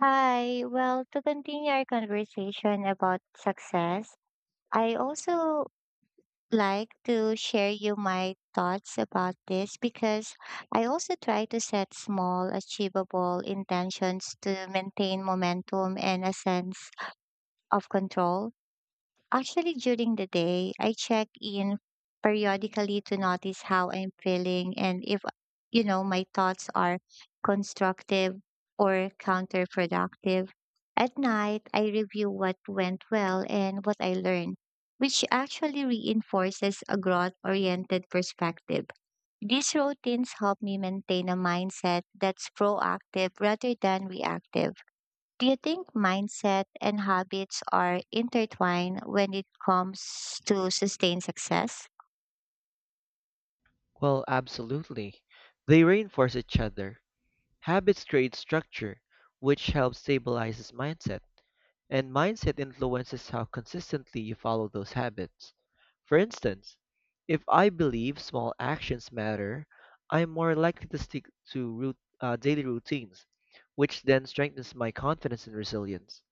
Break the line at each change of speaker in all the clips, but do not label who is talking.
Hi. Well, to continue our conversation about success, I also like to share you my thoughts about this because I also try to set small, achievable intentions to maintain momentum and a sense of control. Actually, during the day, I check in periodically to notice how I'm feeling and if, my thoughts are constructive or counterproductive. At night, I review what went well and what I learned, which actually reinforces a growth oriented perspective. These routines help me maintain a mindset that's proactive rather than reactive. Do you think mindset and habits are intertwined when it comes to sustained success?
Well, absolutely. They reinforce each other. Habits create structure, which helps stabilizes mindset, and mindset influences how consistently you follow those habits. For instance, if I believe small actions matter, I'm more likely to stick to daily routines, which then strengthens my confidence and resilience.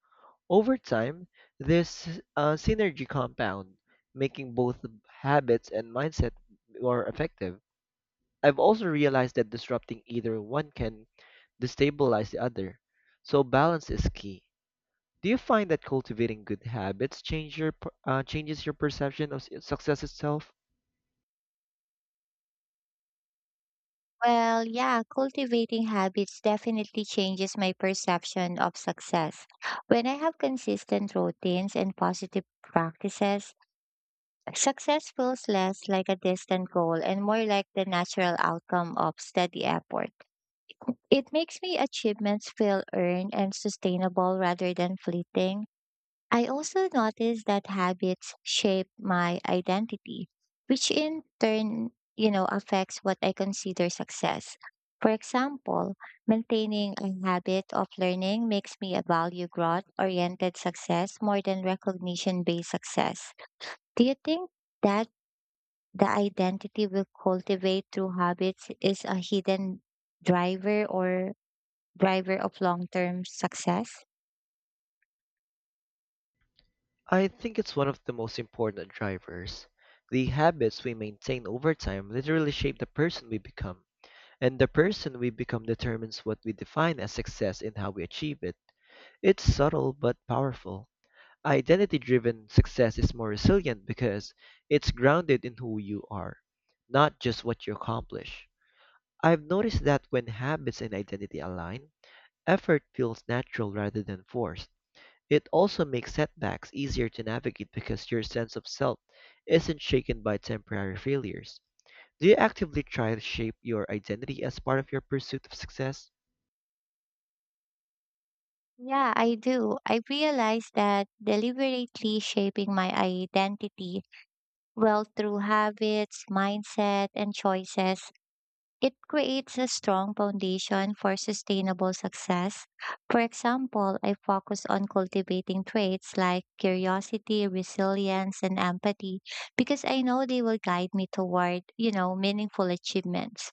Over time, this synergy compound, making both habits and mindset more effective. I've also realized that disrupting either one can destabilize the other. So balance is key. Do you find that cultivating good habits change your changes your perception of success itself?
Well, yeah, cultivating habits definitely changes my perception of success. When I have consistent routines and positive practices, success feels less like a distant goal and more like the natural outcome of steady effort. It makes me achievements feel earned and sustainable rather than fleeting. I also noticed that habits shape my identity, which in turn, affects what I consider success. For example, maintaining a habit of learning makes me a value growth oriented success more than recognition based success. Do you think that the identity we cultivate through habits is a hidden driver or driver of long term success?
I think it's one of the most important drivers. The habits we maintain over time literally shape the person we become, and the person we become determines what we define as success and how we achieve it. It's subtle but powerful. Identity-driven success is more resilient because it's grounded in who you are, not just what you accomplish. I've noticed that when habits and identity align, effort feels natural rather than forced. It also makes setbacks easier to navigate because your sense of self isn't shaken by temporary failures. Do you actively try to shape your identity as part of your pursuit of success?
Yeah, I do. I realize that deliberately shaping my identity, well, through habits, mindset, and choices, it creates a strong foundation for sustainable success. For example, I focus on cultivating traits like curiosity, resilience, and empathy because I know they will guide me toward, meaningful achievements.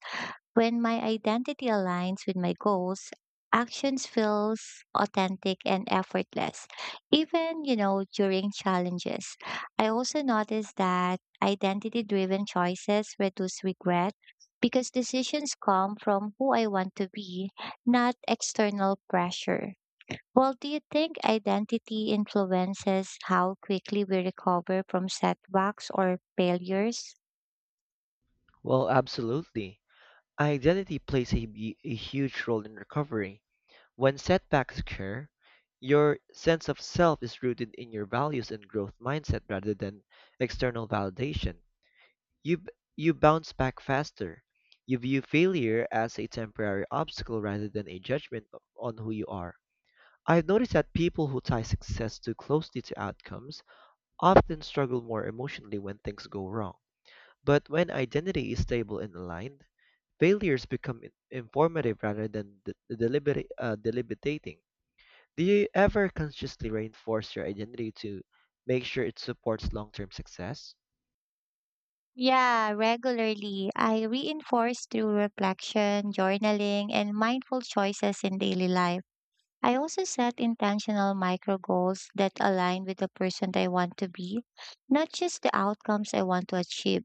When my identity aligns with my goals, actions feels authentic and effortless. Even, during challenges. I also noticed that identity driven choices reduce regret because decisions come from who I want to be, not external pressure. Well, do you think identity influences how quickly we recover from setbacks or failures?
Well, absolutely. Identity plays a huge role in recovery. When setbacks occur, your sense of self is rooted in your values and growth mindset rather than external validation. You bounce back faster. You view failure as a temporary obstacle rather than a judgment on who you are. I've noticed that people who tie success too closely to outcomes often struggle more emotionally when things go wrong. But when identity is stable and aligned, failures become informative rather than deliberating. Do you ever consciously reinforce your identity to make sure it supports long term success?
Yeah, regularly. I reinforce through reflection, journaling, and mindful choices in daily life. I also set intentional micro goals that align with the person I want to be, not just the outcomes I want to achieve.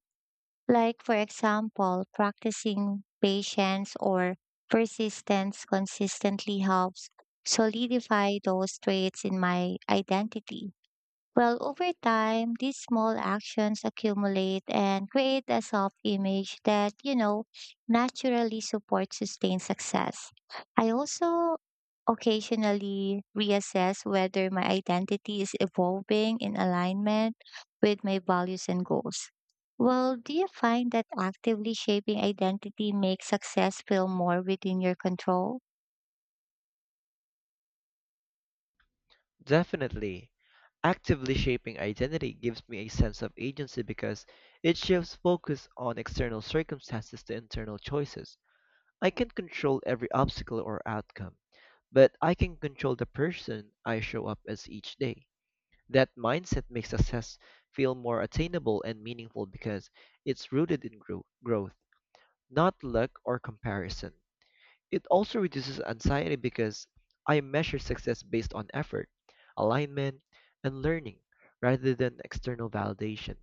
Like, for example, practicing patience or persistence consistently helps solidify those traits in my identity. Well, over time, these small actions accumulate and create a self image that naturally supports sustained success. I also occasionally reassess whether my identity is evolving in alignment with my values and goals. Well, do you find that actively shaping identity makes success feel more within your control?
Definitely. Actively shaping identity gives me a sense of agency because it shifts focus on external circumstances to internal choices. I can't control every obstacle or outcome, but I can control the person I show up as each day. That mindset makes success feel more attainable and meaningful because it's rooted in growth, not luck or comparison. It also reduces anxiety because I measure success based on effort, alignment, and learning rather than external validation.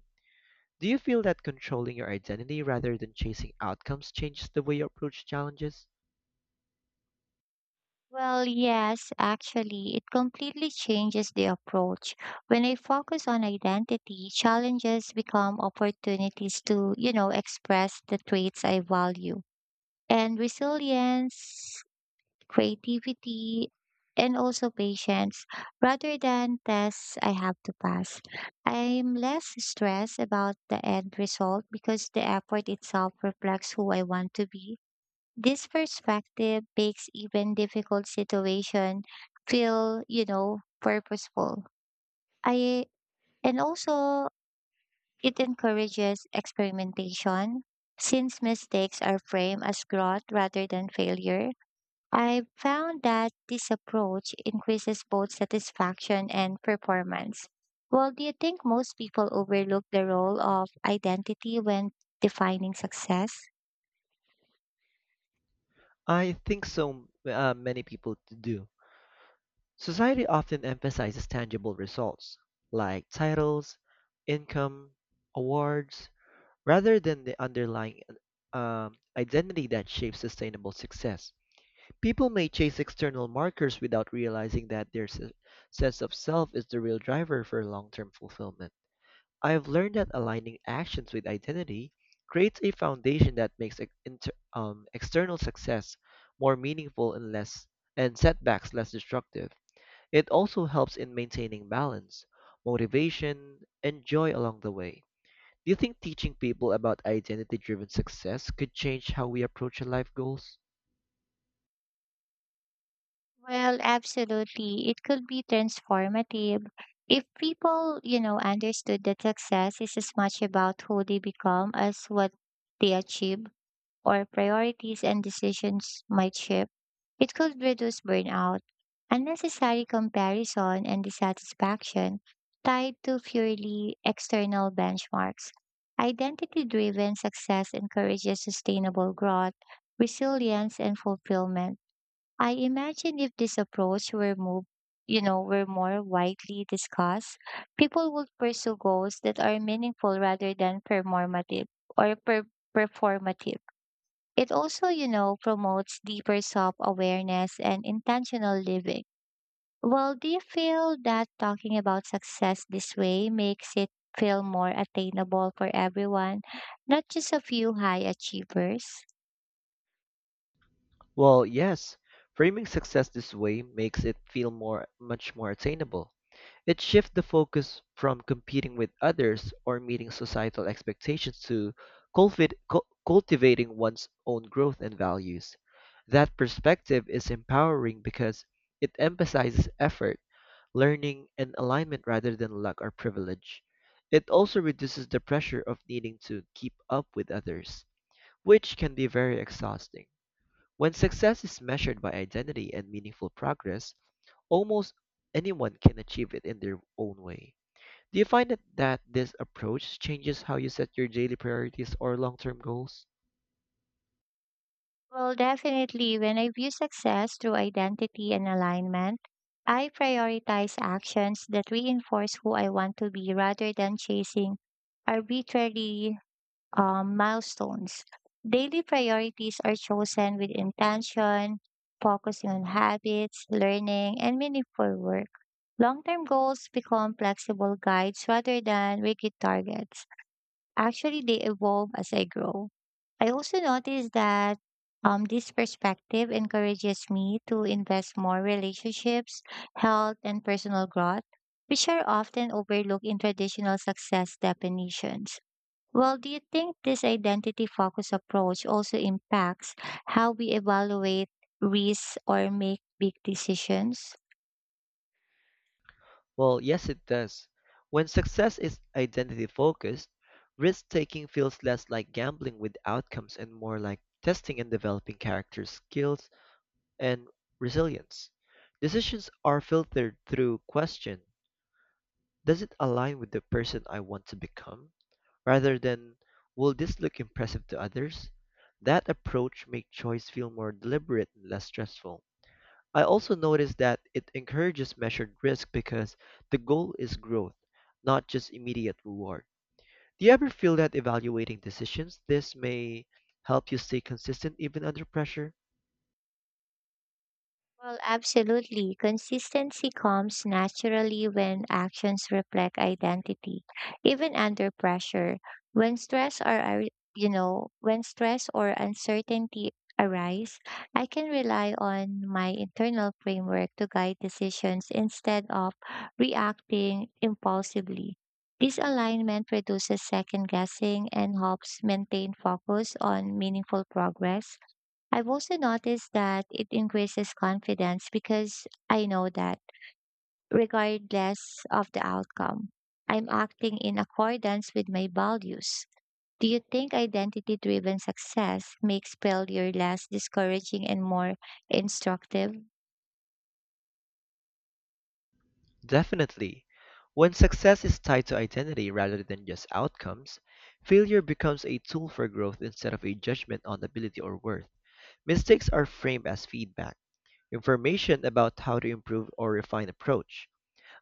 Do you feel that controlling your identity rather than chasing outcomes changes the way you approach challenges?
Well, yes, actually, it completely changes the approach. When I focus on identity, challenges become opportunities to, express the traits I value. And resilience, creativity, and also patience, rather than tests I have to pass. I'm less stressed about the end result because the effort itself reflects who I want to be this perspective makes even difficult situation feel, purposeful. I and also it encourages experimentation since mistakes are framed as growth rather than failure. I found that this approach increases both satisfaction and performance. Well, do you think most people overlook the role of identity when defining success?
I think so, many people do. Society often emphasizes tangible results like titles, income, awards, rather than the underlying identity that shapes sustainable success. People may chase external markers without realizing that their sense of self is the real driver for long term fulfillment. I have learned that aligning actions with identity creates a foundation that makes external success more meaningful and less and setbacks less destructive. It also helps in maintaining balance, motivation, and joy along the way. Do you think teaching people about identity driven success could change how we approach our life goals?
Well, absolutely. It could be transformative if people, understood that success is as much about who they become as what they achieve. Or priorities and decisions might shift, it could reduce burnout. Unnecessary comparison and dissatisfaction tied to purely external benchmarks. Identity driven success encourages sustainable growth, resilience, and fulfillment. I imagine if this approach were moved, were more widely discussed, people would pursue goals that are meaningful rather than performative or per- performative. It also, promotes deeper self awareness and intentional living. Well, do you feel that talking about success this way makes it feel more attainable for everyone, not just a few high achievers?
Well, yes, framing success this way makes it feel more much more attainable. It shifts the focus from competing with others or meeting societal expectations to cultivating one's own growth and values. That perspective is empowering because it emphasizes effort, learning, and alignment rather than luck or privilege. It also reduces the pressure of needing to keep up with others, which can be very exhausting. When success is measured by identity and meaningful progress, almost anyone can achieve it in their own way. Do you find that this approach changes how you set your daily priorities or long term goals?
Well, definitely, when I view success through identity and alignment, I prioritize actions that reinforce who I want to be rather than chasing arbitrary milestones. Daily priorities are chosen with intention, focusing on habits, learning, and meaningful work. Long term goals become flexible guides rather than rigid targets. Actually, they evolve as I grow. I also noticed that this perspective encourages me to invest more relationships, health, and personal growth, which are often overlooked in traditional success definitions. Well, do you think this identity focused approach also impacts how we evaluate risks or make big decisions?
Well, yes, it does. When success is identity focused, risk taking feels less like gambling with outcomes and more like testing and developing character skills and resilience. Decisions are filtered through question: does it align with the person I want to become? Rather than, will this look impressive to others? That approach makes choice feel more deliberate and less stressful. I also noticed that it encourages measured risk because the goal is growth, not just immediate reward. Do you ever feel that evaluating decisions this may help you stay consistent even under pressure?
Well, absolutely. Consistency comes naturally when actions reflect identity, even under pressure. When stress or ar- you know, when stress or uncertainty arise, I can rely on my internal framework to guide decisions instead of reacting impulsively. This alignment reduces second guessing and helps maintain focus on meaningful progress. I've also noticed that it increases confidence because I know that regardless of the outcome, I'm acting in accordance with my values. Do you think identity driven success makes failure less discouraging and more instructive?
Definitely, when success is tied to identity rather than just outcomes, failure becomes a tool for growth instead of a judgment on ability or worth. Mistakes are framed as feedback, information about how to improve or refine approach.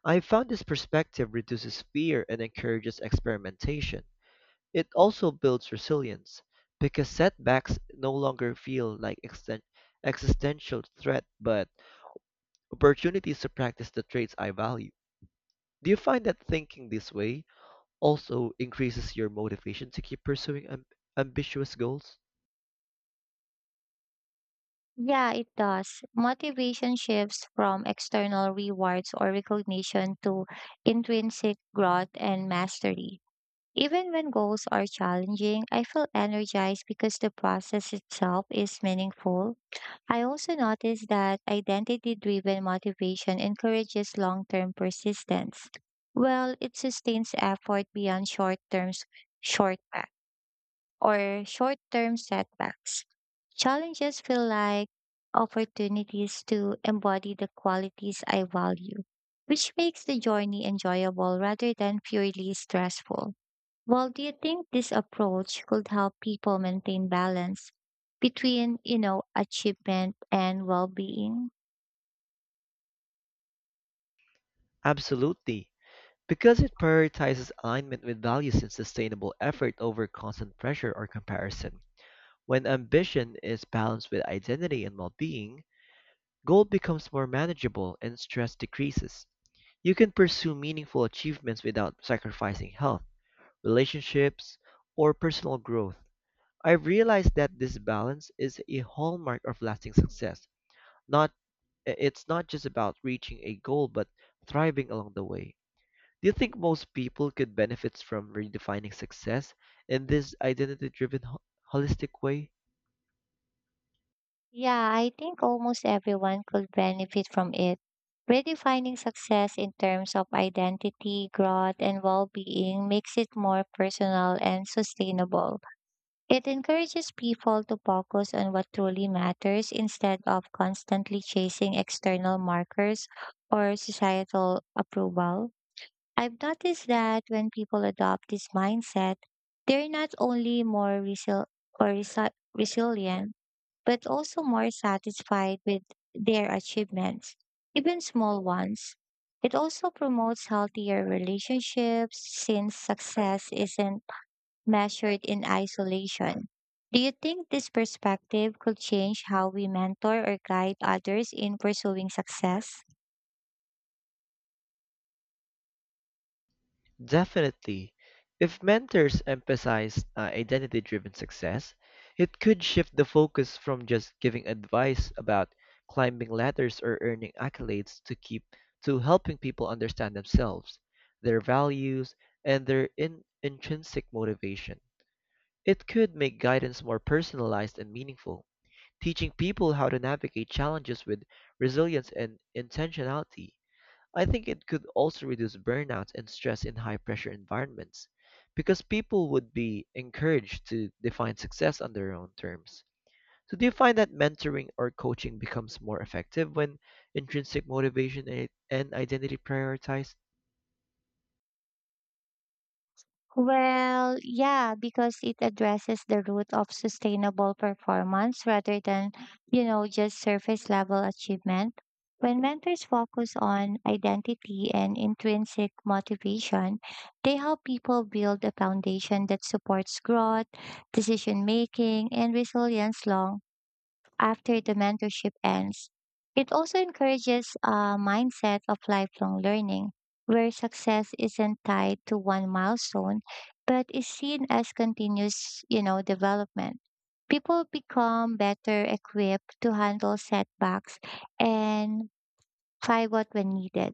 I found this perspective reduces fear and encourages experimentation. It also builds resilience because setbacks no longer feel like existential threat but opportunities to practice the traits I value. Do you find that thinking this way also increases your motivation to keep pursuing ambitious goals?
Yeah, it does. Motivation shifts from external rewards or recognition to intrinsic growth and mastery. Even when goals are challenging, I feel energized because the process itself is meaningful. I also notice that identity driven motivation encourages long term persistence. Well, it sustains effort beyond shortback short term setbacks. Challenges feel like opportunities to embody the qualities I value, which makes the journey enjoyable rather than purely stressful. Well, do you think this approach could help people maintain balance between, achievement and well-being?
Absolutely, because it prioritizes alignment with values and sustainable effort over constant pressure or comparison. When ambition is balanced with identity and well being, goal becomes more manageable and stress decreases. You can pursue meaningful achievements without sacrificing health, relationships, or personal growth. I've realized that this balance is a hallmark of lasting success. Not it's not just about reaching a goal but thriving along the way. Do you think most people could benefit from redefining success in this holistic way?
Yeah, I think almost everyone could benefit from it. Redefining success in terms of identity, growth, and well-being makes it more personal and sustainable. It encourages people to focus on what truly matters instead of constantly chasing external markers or societal approval. I've noticed that when people adopt this mindset, they're not only more resilient, but also more satisfied with their achievements, even small ones. It also promotes healthier relationships since success isn't measured in isolation. Do you think this perspective could change how we mentor or guide others in pursuing success?
Definitely. If mentors emphasize identity driven success, it could shift the focus from just giving advice about climbing ladders or earning accolades to keep to helping people understand themselves, their values, and their intrinsic motivation. It could make guidance more personalized and meaningful, teaching people how to navigate challenges with resilience and intentionality. I think it could also reduce burnout and stress in high pressure environments because people would be encouraged to define success on their own terms. So, do you find that mentoring or coaching becomes more effective when intrinsic motivation and identity prioritized?
Well, yeah, because it addresses the root of sustainable performance rather than, just surface level achievement. When mentors focus on identity and intrinsic motivation, they help people build a foundation that supports growth, decision making, and resilience long after the mentorship ends. It also encourages a mindset of lifelong learning, where success isn't tied to one milestone, but is seen as continuous development. People become better equipped to handle setbacks and pivot when needed.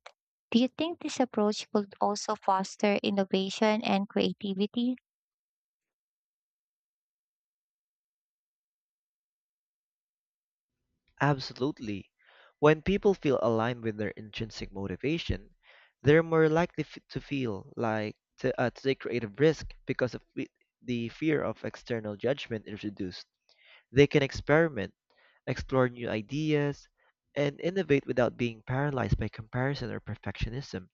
Do you think this approach could also foster innovation and creativity?
Absolutely. When people feel aligned with their intrinsic motivation, they're more likely f- to feel like to take creative risk because of the fear of external judgment is reduced. They can experiment, explore new ideas, and innovate without being paralyzed by comparison or perfectionism.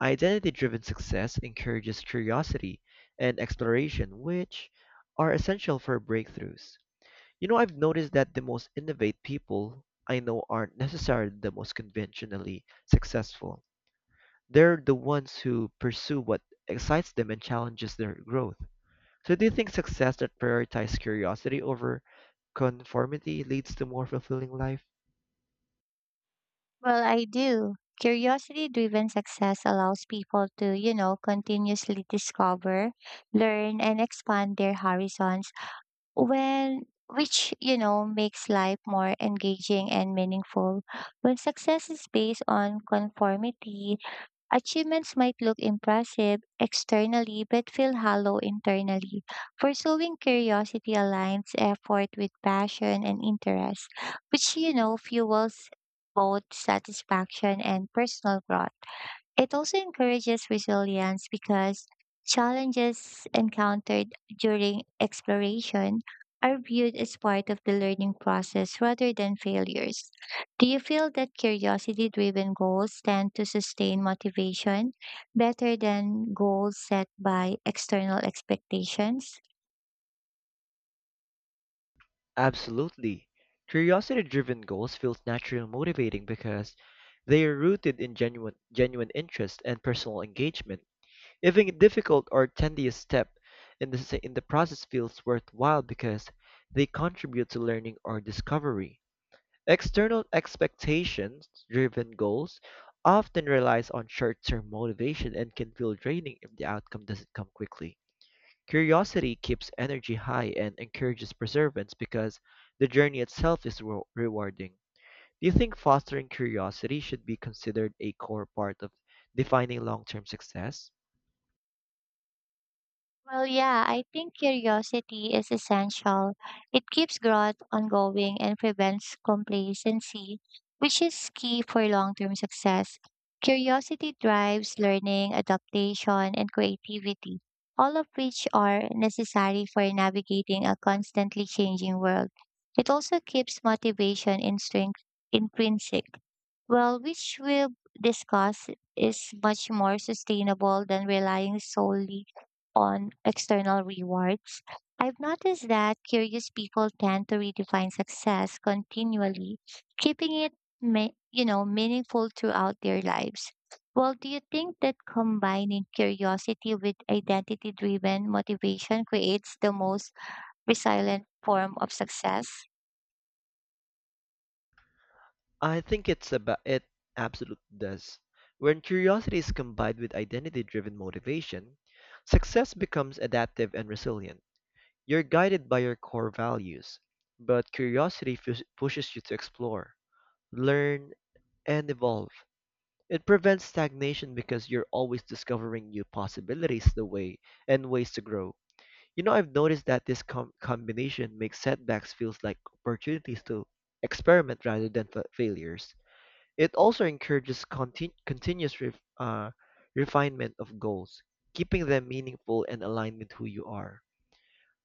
Identity driven success encourages curiosity and exploration, which are essential for breakthroughs. You know, I've noticed that the most innovative people I know aren't necessarily the most conventionally successful. They're the ones who pursue what excites them and challenges their growth. So do you think success that prioritizes curiosity over conformity leads to more fulfilling life?
Well, I do. Curiosity driven success allows people to, continuously discover, learn, and expand their horizons, when, which, makes life more engaging and meaningful. When success is based on conformity, achievements might look impressive externally but feel hollow internally. Pursuing curiosity aligns effort with passion and interest, which fuels both satisfaction and personal growth. It also encourages resilience because challenges encountered during exploration are viewed as part of the learning process rather than failures. Do you feel that curiosity driven goals tend to sustain motivation better than goals set by external expectations?
Absolutely. Curiosity-driven goals feel naturally motivating because they are rooted in genuine interest and personal engagement. Even a difficult or tedious step in in the process feels worthwhile because they contribute to learning or discovery. External expectations-driven goals often relies on short-term motivation and can feel draining if the outcome doesn't come quickly. Curiosity keeps energy high and encourages perseverance because the journey itself is rewarding. Do you think fostering curiosity should be considered a core part of defining long-term success?
Well, yeah, I think curiosity is essential. It keeps growth ongoing and prevents complacency, which is key for long term success. Curiosity drives learning, adaptation, and creativity, all of which are necessary for navigating a constantly changing world. It also keeps motivation in strength intrinsic well, which we'll discuss, is much more sustainable than relying solely on external rewards. I've noticed that curious people tend to redefine success continually, keeping it meaningful throughout their lives. Well, do you think that combining curiosity with identity-driven motivation creates the most resilient form of success?
I think it's about it absolutely does. When curiosity is combined with identity-driven motivation, success becomes adaptive and resilient. You're guided by your core values, but curiosity pushes you to explore, learn, and evolve. It prevents stagnation because you're always discovering new possibilities the way and ways to grow. You know, I've noticed that this combination makes setbacks feels like opportunities to experiment rather than failures. It also encourages continuous refinement of goals, keeping them meaningful and aligned with who you are.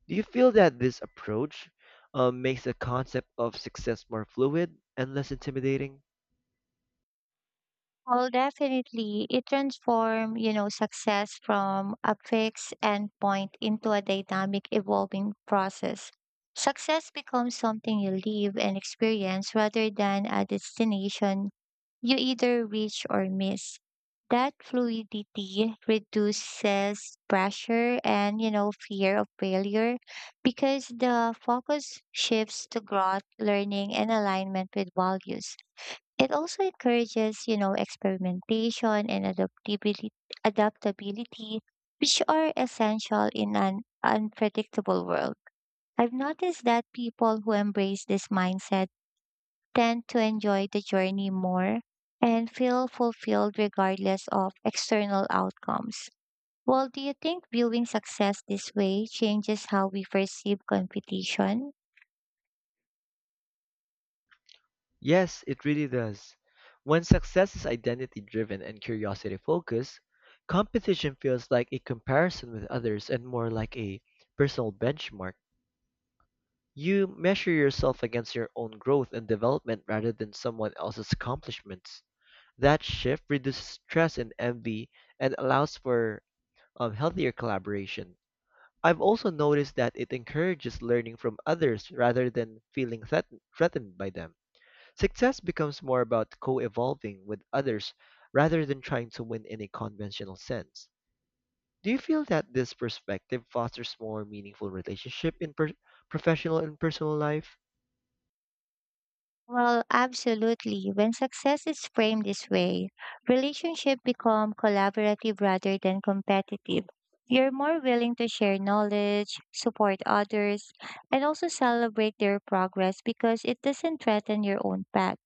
Do you feel that this approach makes the concept of success more fluid and less intimidating?
Well, definitely. It transforms success from a fixed endpoint into a dynamic evolving process. Success becomes something you live and experience rather than a destination you either reach or miss. That fluidity reduces pressure and, fear of failure because the focus shifts to growth, learning, and alignment with values. It also encourages, experimentation and adaptability, which are essential in an unpredictable world. I've noticed that people who embrace this mindset tend to enjoy the journey more and feel fulfilled regardless of external outcomes. Well, do you think viewing success this way changes how we perceive competition?
Yes, it really does. When success is identity driven and curiosity focused, competition feels like a comparison with others and more like a personal benchmark. You measure yourself against your own growth and development rather than someone else's accomplishments. That shift reduces stress and envy and allows for healthier collaboration. I've also noticed that it encourages learning from others rather than feeling threatened by them. Success becomes more about co evolving with others rather than trying to win in a conventional sense. Do you feel that this perspective fosters more meaningful relationship in professional and personal life?
Well, absolutely. When success is framed this way, relationships become collaborative rather than competitive. You're more willing to share knowledge, support others, and also celebrate their progress because it doesn't threaten your own path.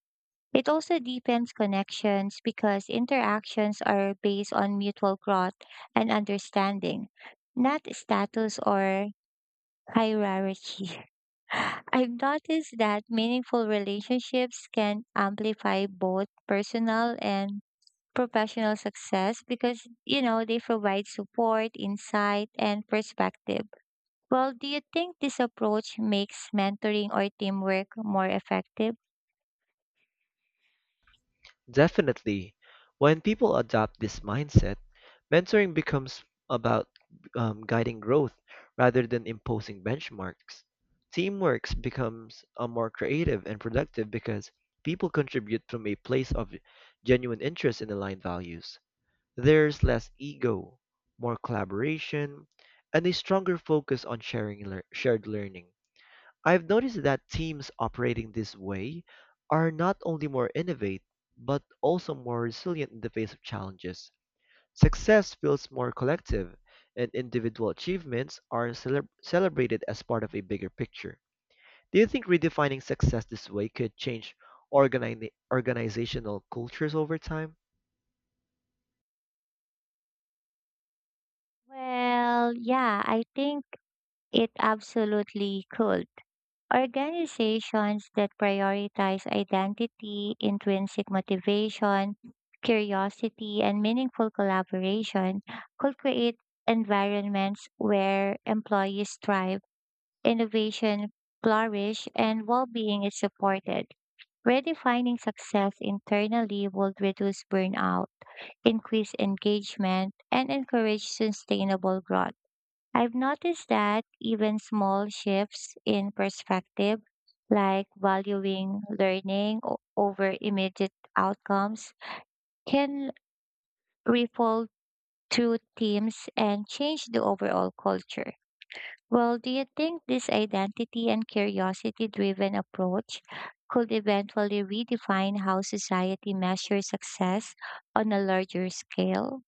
It also deepens connections because interactions are based on mutual growth and understanding, not status or hierarchy. I've noticed that meaningful relationships can amplify both personal and professional success because, they provide support, insight, and perspective. Well, do you think this approach makes mentoring or teamwork more effective?
Definitely. When people adopt this mindset, mentoring becomes about guiding growth rather than imposing benchmarks. Teamwork becomes a more creative and productive because people contribute from a place of genuine interest and aligned values. There's less ego, more collaboration, and a stronger focus on shared learning. I've noticed that teams operating this way are not only more innovative, but also more resilient in the face of challenges. Success feels more collective, and individual achievements are celebrated as part of a bigger picture. Do you think redefining success this way could change organizational cultures over time?
Well, yeah, I think it absolutely could. Organizations that prioritize identity, intrinsic motivation, curiosity, and meaningful collaboration could create environments where employees thrive, innovation flourish, and well being is supported. Redefining success internally would reduce burnout, increase engagement, and encourage sustainable growth. I've noticed that even small shifts in perspective, like valuing over immediate outcomes, can ripple through teams and change the overall culture. Well, do you think this identity and curiosity driven approach could eventually redefine how society measures success on a larger scale?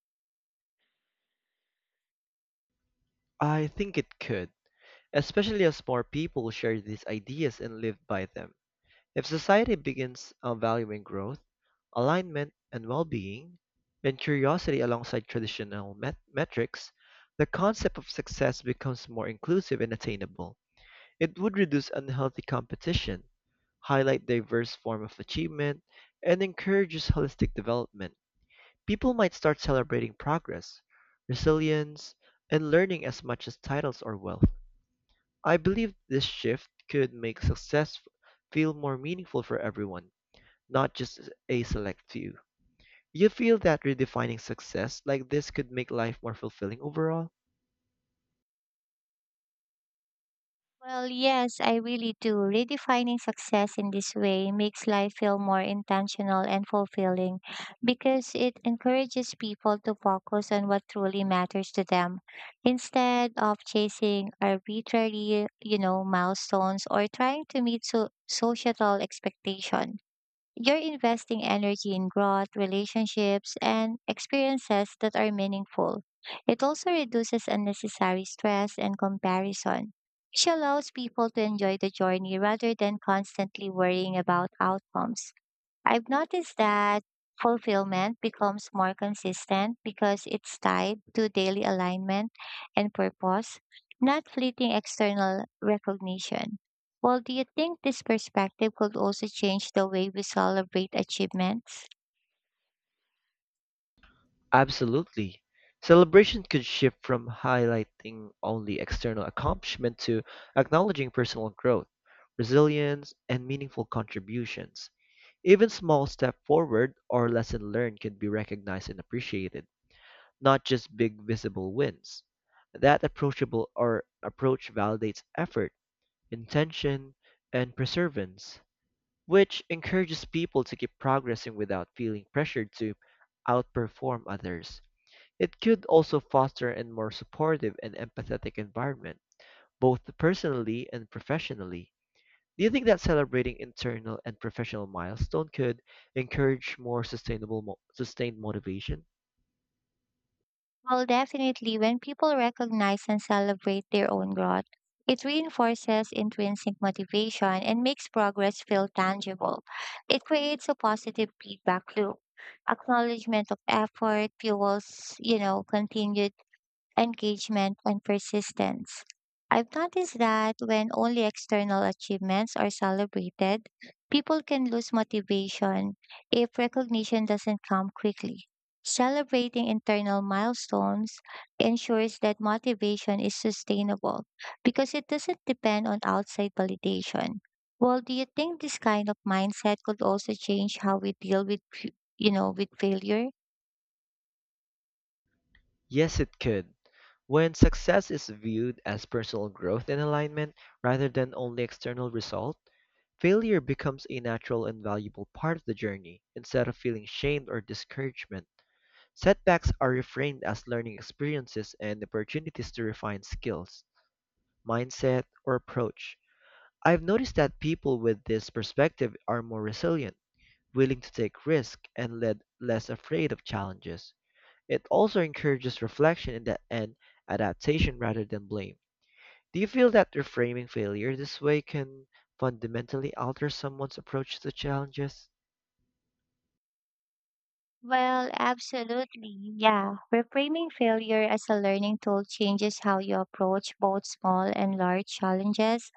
I think it could, especially as more people share these ideas and live by them. If society begins valuing growth, alignment, and well being, and curiosity alongside traditional metrics, the concept of success becomes more inclusive and attainable. It would reduce unhealthy competition, highlight diverse form of achievement, and encourages holistic development. People might start celebrating progress, resilience, and learning as much as titles or wealth. I believe this shift could make success feel more meaningful for everyone not just a select few. You feel that redefining success like this could make life more fulfilling overall?
Well, yes, I really do. Redefining success in this way makes life feel more intentional and fulfilling because it encourages people to focus on what truly matters to them instead of chasing arbitrary, milestones or trying to meet societal expectation. You're investing energy in growth, relationships, and experiences that are meaningful. It also reduces unnecessary stress and comparison, which allows people to enjoy the journey rather than constantly worrying about outcomes. I've noticed that fulfillment becomes more consistent because it's tied to daily alignment and purpose, not fleeting external recognition. Well, do you think this perspective could also change the way we celebrate achievements?
Absolutely. Celebration could shift from highlighting only external accomplishment to acknowledging personal growth, resilience, and meaningful contributions. Even small step forward or lesson learned can be recognized and appreciated, not just big visible wins. That approachable or approach validates effort, intention, and perseverance, which encourages people to keep progressing without feeling pressured to outperform others. It could also foster a more supportive and empathetic environment, both personally and professionally. Do you think that celebrating internal and professional milestone could encourage more sustained motivation?
Well, definitely, when people recognize and celebrate their own growth, it reinforces intrinsic motivation and makes progress feel tangible. It creates a positive feedback loop. Acknowledgement of effort fuels, continued engagement, and persistence. I've noticed that when only external achievements are celebrated, people can lose motivation if recognition doesn't come quickly. Celebrating internal milestones ensures that motivation is sustainable because it doesn't depend on outside validation. Well, do you think this kind of mindset could also change how we deal with, f- you know, with failure?
Yes, it could. When success is viewed as personal growth and alignment rather than only external result, failure becomes a natural and valuable part of the journey instead of feeling shame or discouragement. Setbacks are reframed as learning experiences and opportunities to refine skills, mindset, or approach. I've noticed that people with this perspective are more resilient willing to take risk and led less afraid of challenges. It also encourages reflection and adaptation rather than blame. Do you feel that reframing failure this way can fundamentally alter someone's approach to challenges?
Well, absolutely. Yeah. Reframing failure as a learning tool changes how you approach both small and large challenges.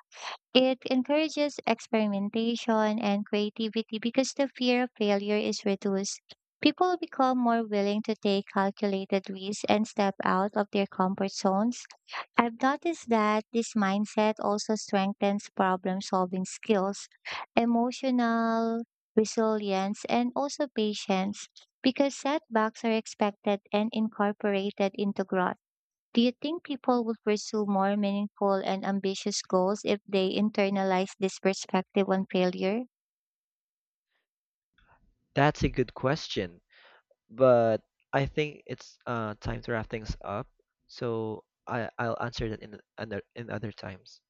It encourages experimentation and creativity because the fear of failure is reduced. People become more willing to take calculated risks and step out of their comfort zones. I've noticed that this mindset also strengthens problem solving skills, emotional resilience, and also patience because setbacks are expected and incorporated into growth. Do you think people would pursue more meaningful and ambitious goals if they internalize this perspective on failure?
That's a good question, but I think it's time to wrap things up. So I'll answer that in another in other times.